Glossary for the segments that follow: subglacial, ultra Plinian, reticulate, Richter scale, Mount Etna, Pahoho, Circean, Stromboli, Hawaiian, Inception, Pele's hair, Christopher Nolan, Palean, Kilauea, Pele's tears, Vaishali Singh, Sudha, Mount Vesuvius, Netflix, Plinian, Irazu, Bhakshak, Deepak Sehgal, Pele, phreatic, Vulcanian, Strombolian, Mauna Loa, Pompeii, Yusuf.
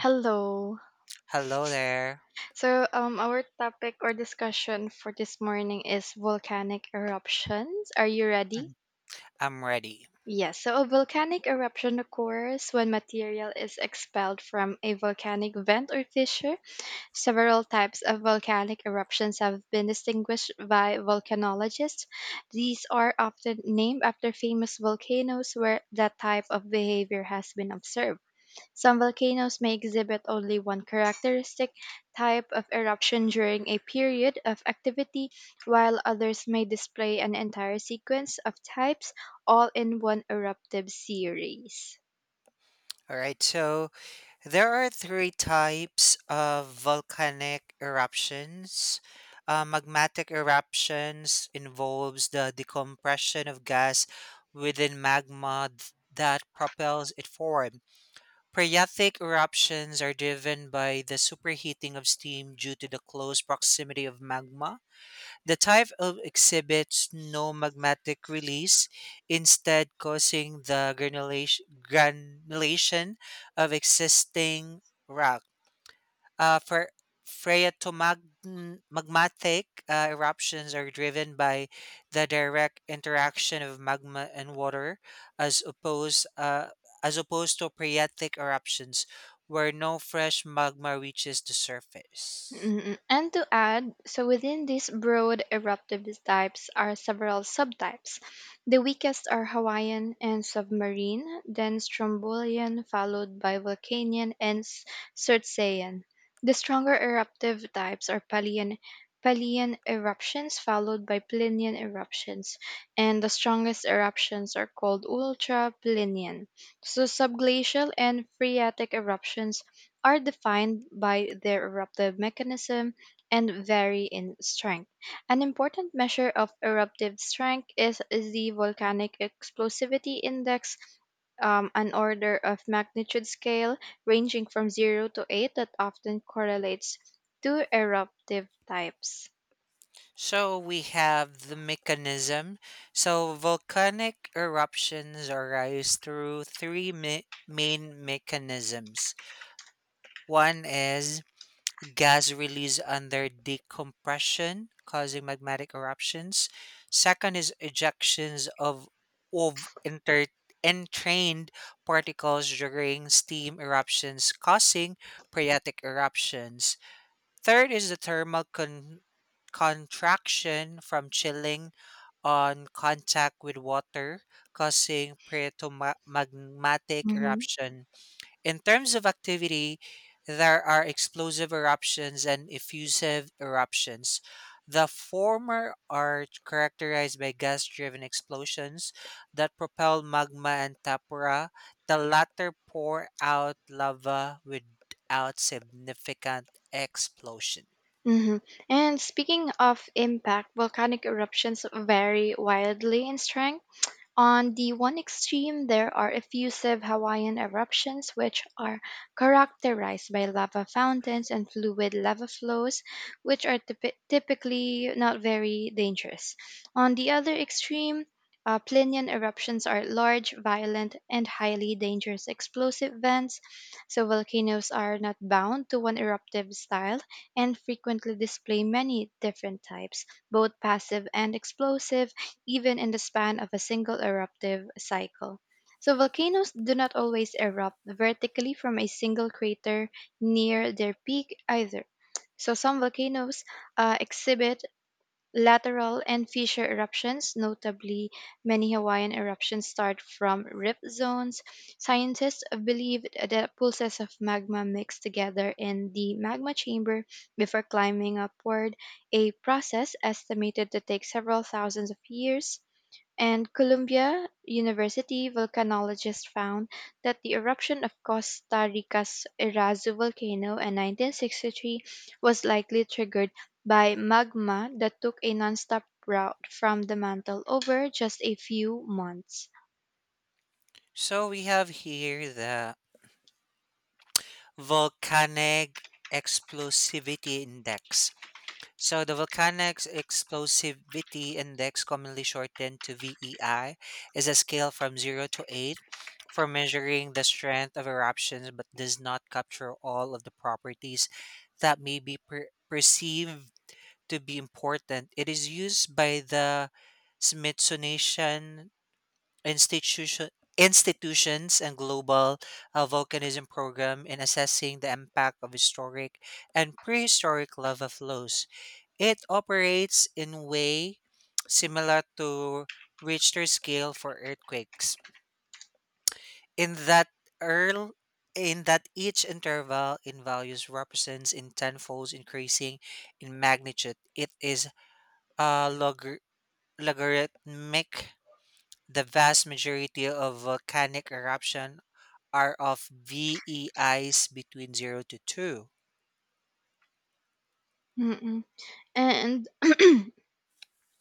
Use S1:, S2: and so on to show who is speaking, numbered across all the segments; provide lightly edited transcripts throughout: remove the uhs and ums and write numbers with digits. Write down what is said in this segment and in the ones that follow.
S1: Hello.
S2: Hello there.
S1: So, our topic or discussion for this morning is volcanic eruptions. Are you ready?
S2: Mm, I'm ready.
S1: Yes. So, a volcanic eruption occurs when material is expelled from a volcanic vent or fissure. Several types of volcanic eruptions have been distinguished by volcanologists. These are often named after famous volcanoes where that type of behavior has been observed. Some volcanoes may exhibit only one characteristic type of eruption during a period of activity, while others may display an entire sequence of types all in one eruptive series.
S2: All right. So there are three types of volcanic eruptions. Magmatic eruptions involves the decompression of gas within magma that propels it forward. Periatic eruptions are driven by the superheating of steam due to the close proximity of magma. The type of exhibits no magmatic release, instead causing the granulation of existing rock. For magmatic eruptions are driven by the direct interaction of magma and water, as opposed uh, as opposed to phreatic eruptions, where no fresh magma reaches the surface.
S1: And to add, so within these broad eruptive types are several subtypes. The weakest are Hawaiian and submarine, then Strombolian, followed by Vulcanian and Circean. The stronger eruptive types are Palean eruptions, followed by Plinian eruptions, and the strongest eruptions are called ultra Plinian. So subglacial and phreatic eruptions are defined by their eruptive mechanism and vary in strength. An important measure of eruptive strength is the Volcanic Explosivity Index, an order of magnitude scale ranging from 0 to 8 that often correlates to eruptive types.
S2: So we have the mechanism. So volcanic eruptions arise through three main mechanisms. One is gas release under decompression, causing magmatic eruptions. Second is ejections of entrained particles during steam eruptions, causing phreatic eruptions. Third is the thermal contraction from chilling on contact with water, causing magmatic
S1: Hmm.
S2: eruption. In terms of activity, there are explosive eruptions and effusive eruptions. The former are characterized by gas driven explosions that propel magma and tapera. The latter pour out lava without significant explosion.
S1: Hmm. And speaking of impact, volcanic eruptions vary wildly in strength. On the one extreme, there are effusive Hawaiian eruptions, which are characterized by lava fountains and fluid lava flows, which are typically not very dangerous. On the other extreme, Plinian eruptions are large, violent, and highly dangerous explosive vents. So, volcanoes are not bound to one eruptive style and frequently display many different types, both passive and explosive, even in the span of a single eruptive cycle. So, volcanoes do not always erupt vertically from a single crater near their peak either. So, some volcanoes exhibit lateral and fissure eruptions. Notably, many Hawaiian eruptions start from rip zones. Scientists believe that pulses of magma mix together in the magma chamber before climbing upward, a process estimated to take several thousands of years, and Columbia University volcanologists found that the eruption of Costa Rica's Irazu volcano in 1963 was likely triggered by magma that took a nonstop route from the mantle over just a few months.
S2: So we have here the volcanic explosivity index. So the Volcanic Explosivity Index, commonly shortened to VEI, is a scale from 0 to 8 for measuring the strength of eruptions but does not capture all of the properties that may be perceived to be important. It is used by the Smithsonian Institution institutions and global volcanism program in assessing the impact of historic and prehistoric lava flows. It operates in way similar to Richter scale for earthquakes, in that earl each interval in values represents in tenfolds increasing in magnitude. It is uh, log- logarithmic. The vast majority of volcanic eruption are of VEIs between 0 to 2.
S1: Mm-mm. And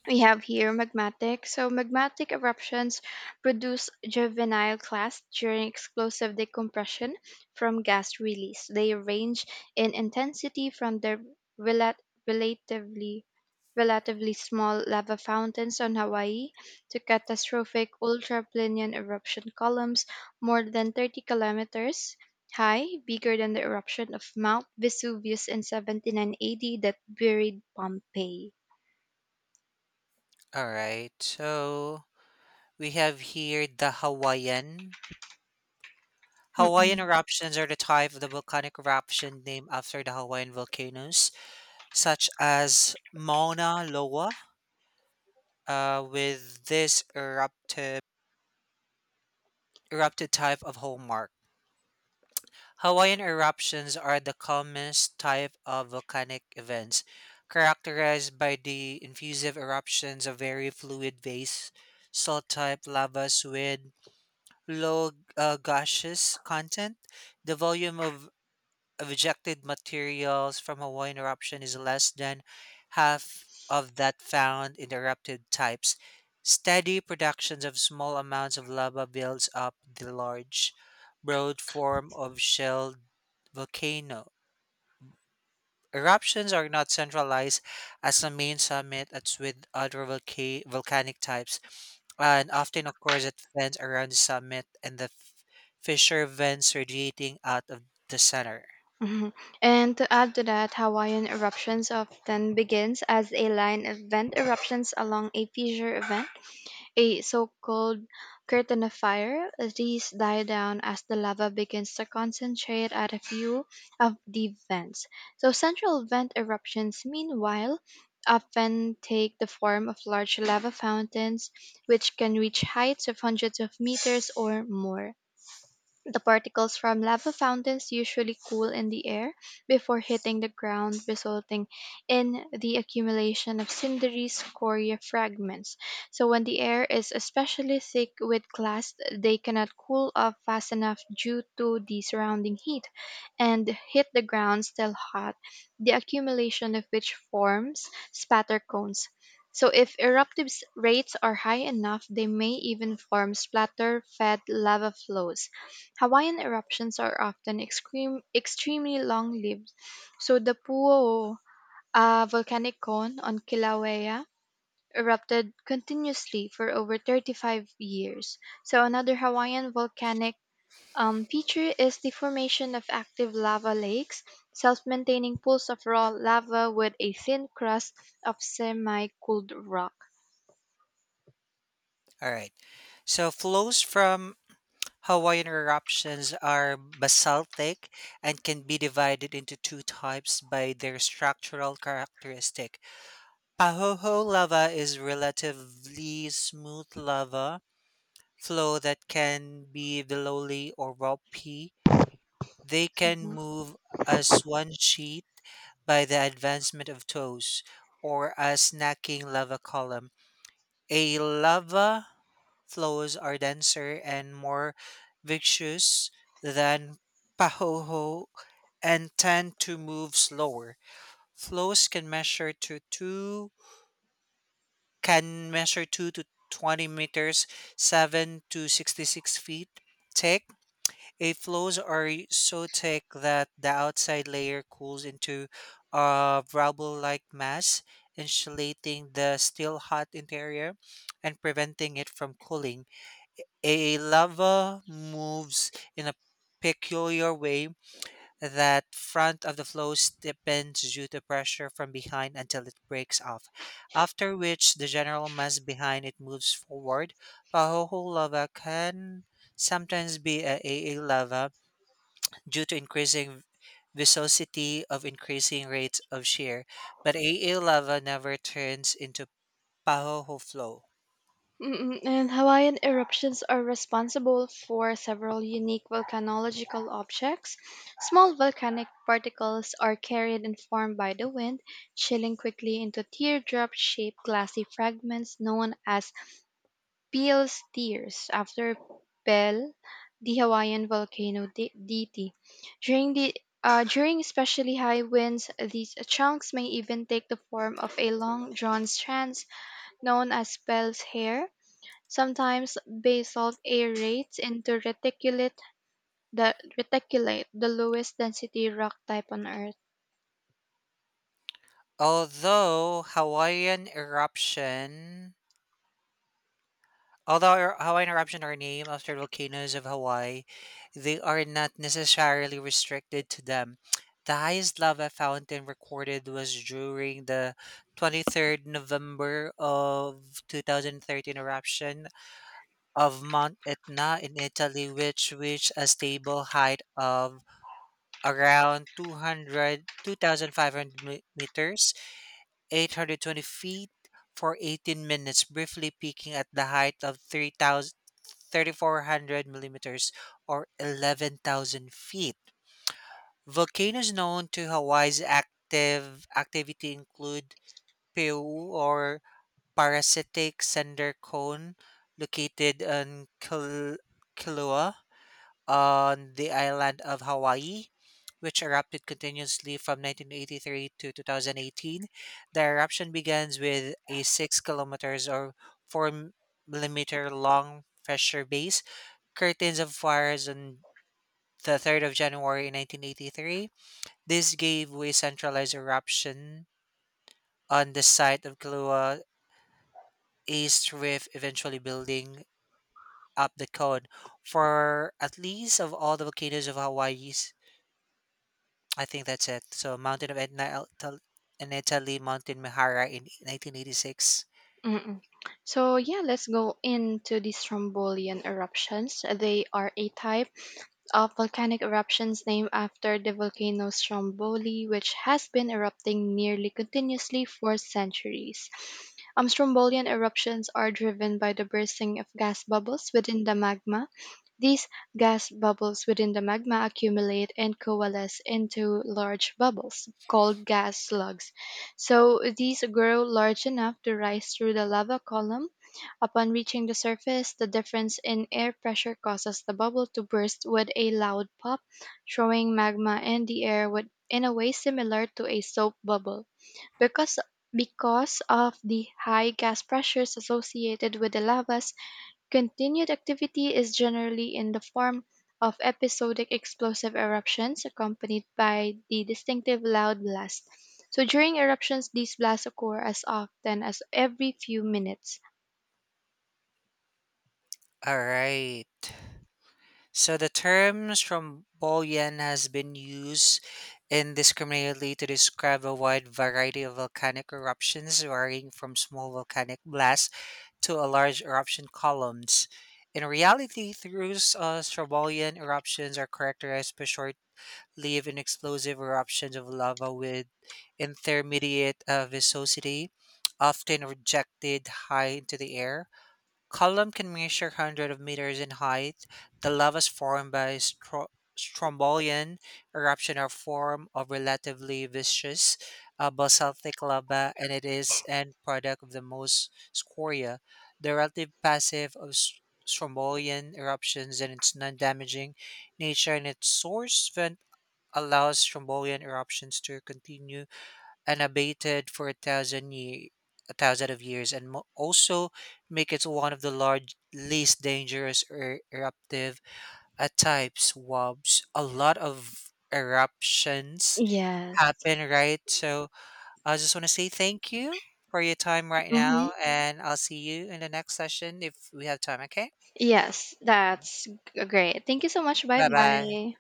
S1: we have here magmatic. So magmatic eruptions produce juvenile clasts during explosive decompression from gas release. They range in intensity from the rela- relatively relatively small lava fountains on Hawaii to catastrophic ultraplanian eruption columns more than 30 kilometers high, bigger than the eruption of Mount Vesuvius in 79 AD that buried Pompeii.
S2: All right. So we have here the Hawaiian
S1: Mm-mm.
S2: eruptions are the type of the volcanic eruption named after the Hawaiian volcanoes, such as Mauna Loa, with this erupted type of hallmark. Hawaiian eruptions are the calmest type of volcanic events, characterized by the effusive eruptions of very fluid base, salt type lavas with low gaseous content. The volume of rejected materials from a Hawaiian eruption is less than half of that found in the erupted types. Steady productions of small amounts of lava builds up the large, broad form of shelled volcano. Eruptions are not centralized as the main summit as with other volcanic types and often occurs at vents around the summit and the fissure vents radiating out of the center.
S1: Mhm. And to add to that, Hawaiian eruptions often begins as a line of vent eruptions along a fissure event, a so-called curtain of fire. These die down as the lava begins to concentrate at a few of the vents. So central vent eruptions, meanwhile, often take the form of large lava fountains, which can reach heights of hundreds of meters or more. The particles from lava fountains usually cool in the air before hitting the ground, resulting in the accumulation of cindery scoria fragments. So, when the air is especially thick with glass, they cannot cool off fast enough due to the surrounding heat and hit the ground still hot, the accumulation of which forms spatter cones. So, if eruptive rates are high enough, they may even form splatter fed lava flows. Hawaiian eruptions are often extremely long-lived. So the Pu'u, a volcanic cone on Kilauea, erupted continuously for over 35 years. So another Hawaiian volcanic feature is the formation of active lava lakes, self-maintaining pools of raw lava with a thin crust of semi-cooled rock.
S2: All right. So flows from Hawaiian eruptions are basaltic and can be divided into two types by their structural characteristic. Pahoho lava is relatively smooth lava flow that can be billowy or rocky. They can move as one sheet by the advancement of toes or as snacking lava columns. A lava flows are denser and more viscous than pahoho and tend to move slower. Flows can measure 2 to 20 meters, 7 to 66 feet thick. A flows are so thick that the outside layer cools into a rubble-like mass, insulating the still hot interior and preventing it from cooling. A lava moves in a peculiar way that front of the flow steepens due to pressure from behind until it breaks off, after which the general mass behind it moves forward. Pahoho lava can sometimes be a AA lava due to increasing viscosity of increasing rates of shear, but a AA lava never turns into Pahoho flow.
S1: And Hawaiian eruptions are responsible for several unique volcanological objects. Small volcanic particles are carried and formed by the wind, chilling quickly into teardrop shaped glassy fragments known as Peel's tears, after Pele, the Hawaiian volcano deity. During the during especially high winds, these chunks may even take the form of a long drawn strands known as Pele's hair. Sometimes basalt aerates into the reticulate, the lowest density rock type on Earth.
S2: Although Hawaiian eruption, although Hawaiian eruption are named after volcanoes of Hawaii, they are not necessarily restricted to them. The highest lava fountain recorded was during the 23rd November of 2013 eruption of Mount Etna in Italy, which reached a stable height of around two thousand five hundred meters, 820 feet, for 18 minutes, briefly peaking at the height of three thousand thirty-four hundred millimeters or 11,000 feet. Volcanoes known to Hawaii's active activity include Peu or Parasitic Cinder Cone, located on Kilauea, on the island of Hawaii, which erupted continuously from 1983 to 2018. The eruption begins with a 6 kilometers or 4 millimeter long pressure base curtains of fires on the 3rd of January 1983. This gave way centralized eruption on the site of Kilauea East Rift, eventually building up the cone for at least of all the volcanoes of Hawaii. I think that's it. So Mountain of Etna, and Italy, Mountain Mihara in 1986.
S1: Mm-mm. So yeah, let's go into these Strombolian eruptions. They are a type of volcanic eruptions named after the volcano Stromboli, which has been erupting nearly continuously for centuries. Strombolian eruptions are driven by the bursting of gas bubbles within the magma. These gas bubbles within the magma accumulate and coalesce into large bubbles, called gas slugs. So these grow large enough to rise through the lava column. Upon reaching the surface, the difference in air pressure causes the bubble to burst with a loud pop, throwing magma in the air with, in a way similar to a soap bubble. Because because of the high gas pressures associated with the lavas, continued activity is generally in the form of episodic explosive eruptions accompanied by the distinctive loud blast. So during eruptions, these blasts occur as often as every few minutes.
S2: All right. So the terms from Strombolian has been used indiscriminately to describe a wide variety of volcanic eruptions, varying from small volcanic blasts to a large eruption columns. In reality, through Strombolian eruptions are characterized by short Leave in explosive eruptions of lava with intermediate viscosity, often rejected high into the air. Column can measure hundreds of meters in height. The lavas formed by strombolian eruption are form of relatively viscous basaltic lava, and it is end product of the most scoria. The relative passive of strombolian eruptions and its non-damaging nature and its source allows Strombolian eruptions to continue unabated for a thousand of years, and also make it one of the large, least dangerous eruptive types. Wobs, a lot of eruptions
S1: Yes.
S2: happen, right? So I just want to say thank you for your time right
S1: Hmm.
S2: now, and I'll see you in the next session if we have time. Okay,
S1: Yes, that's great. Thank you so much. Bye
S2: bye bye.
S1: bye.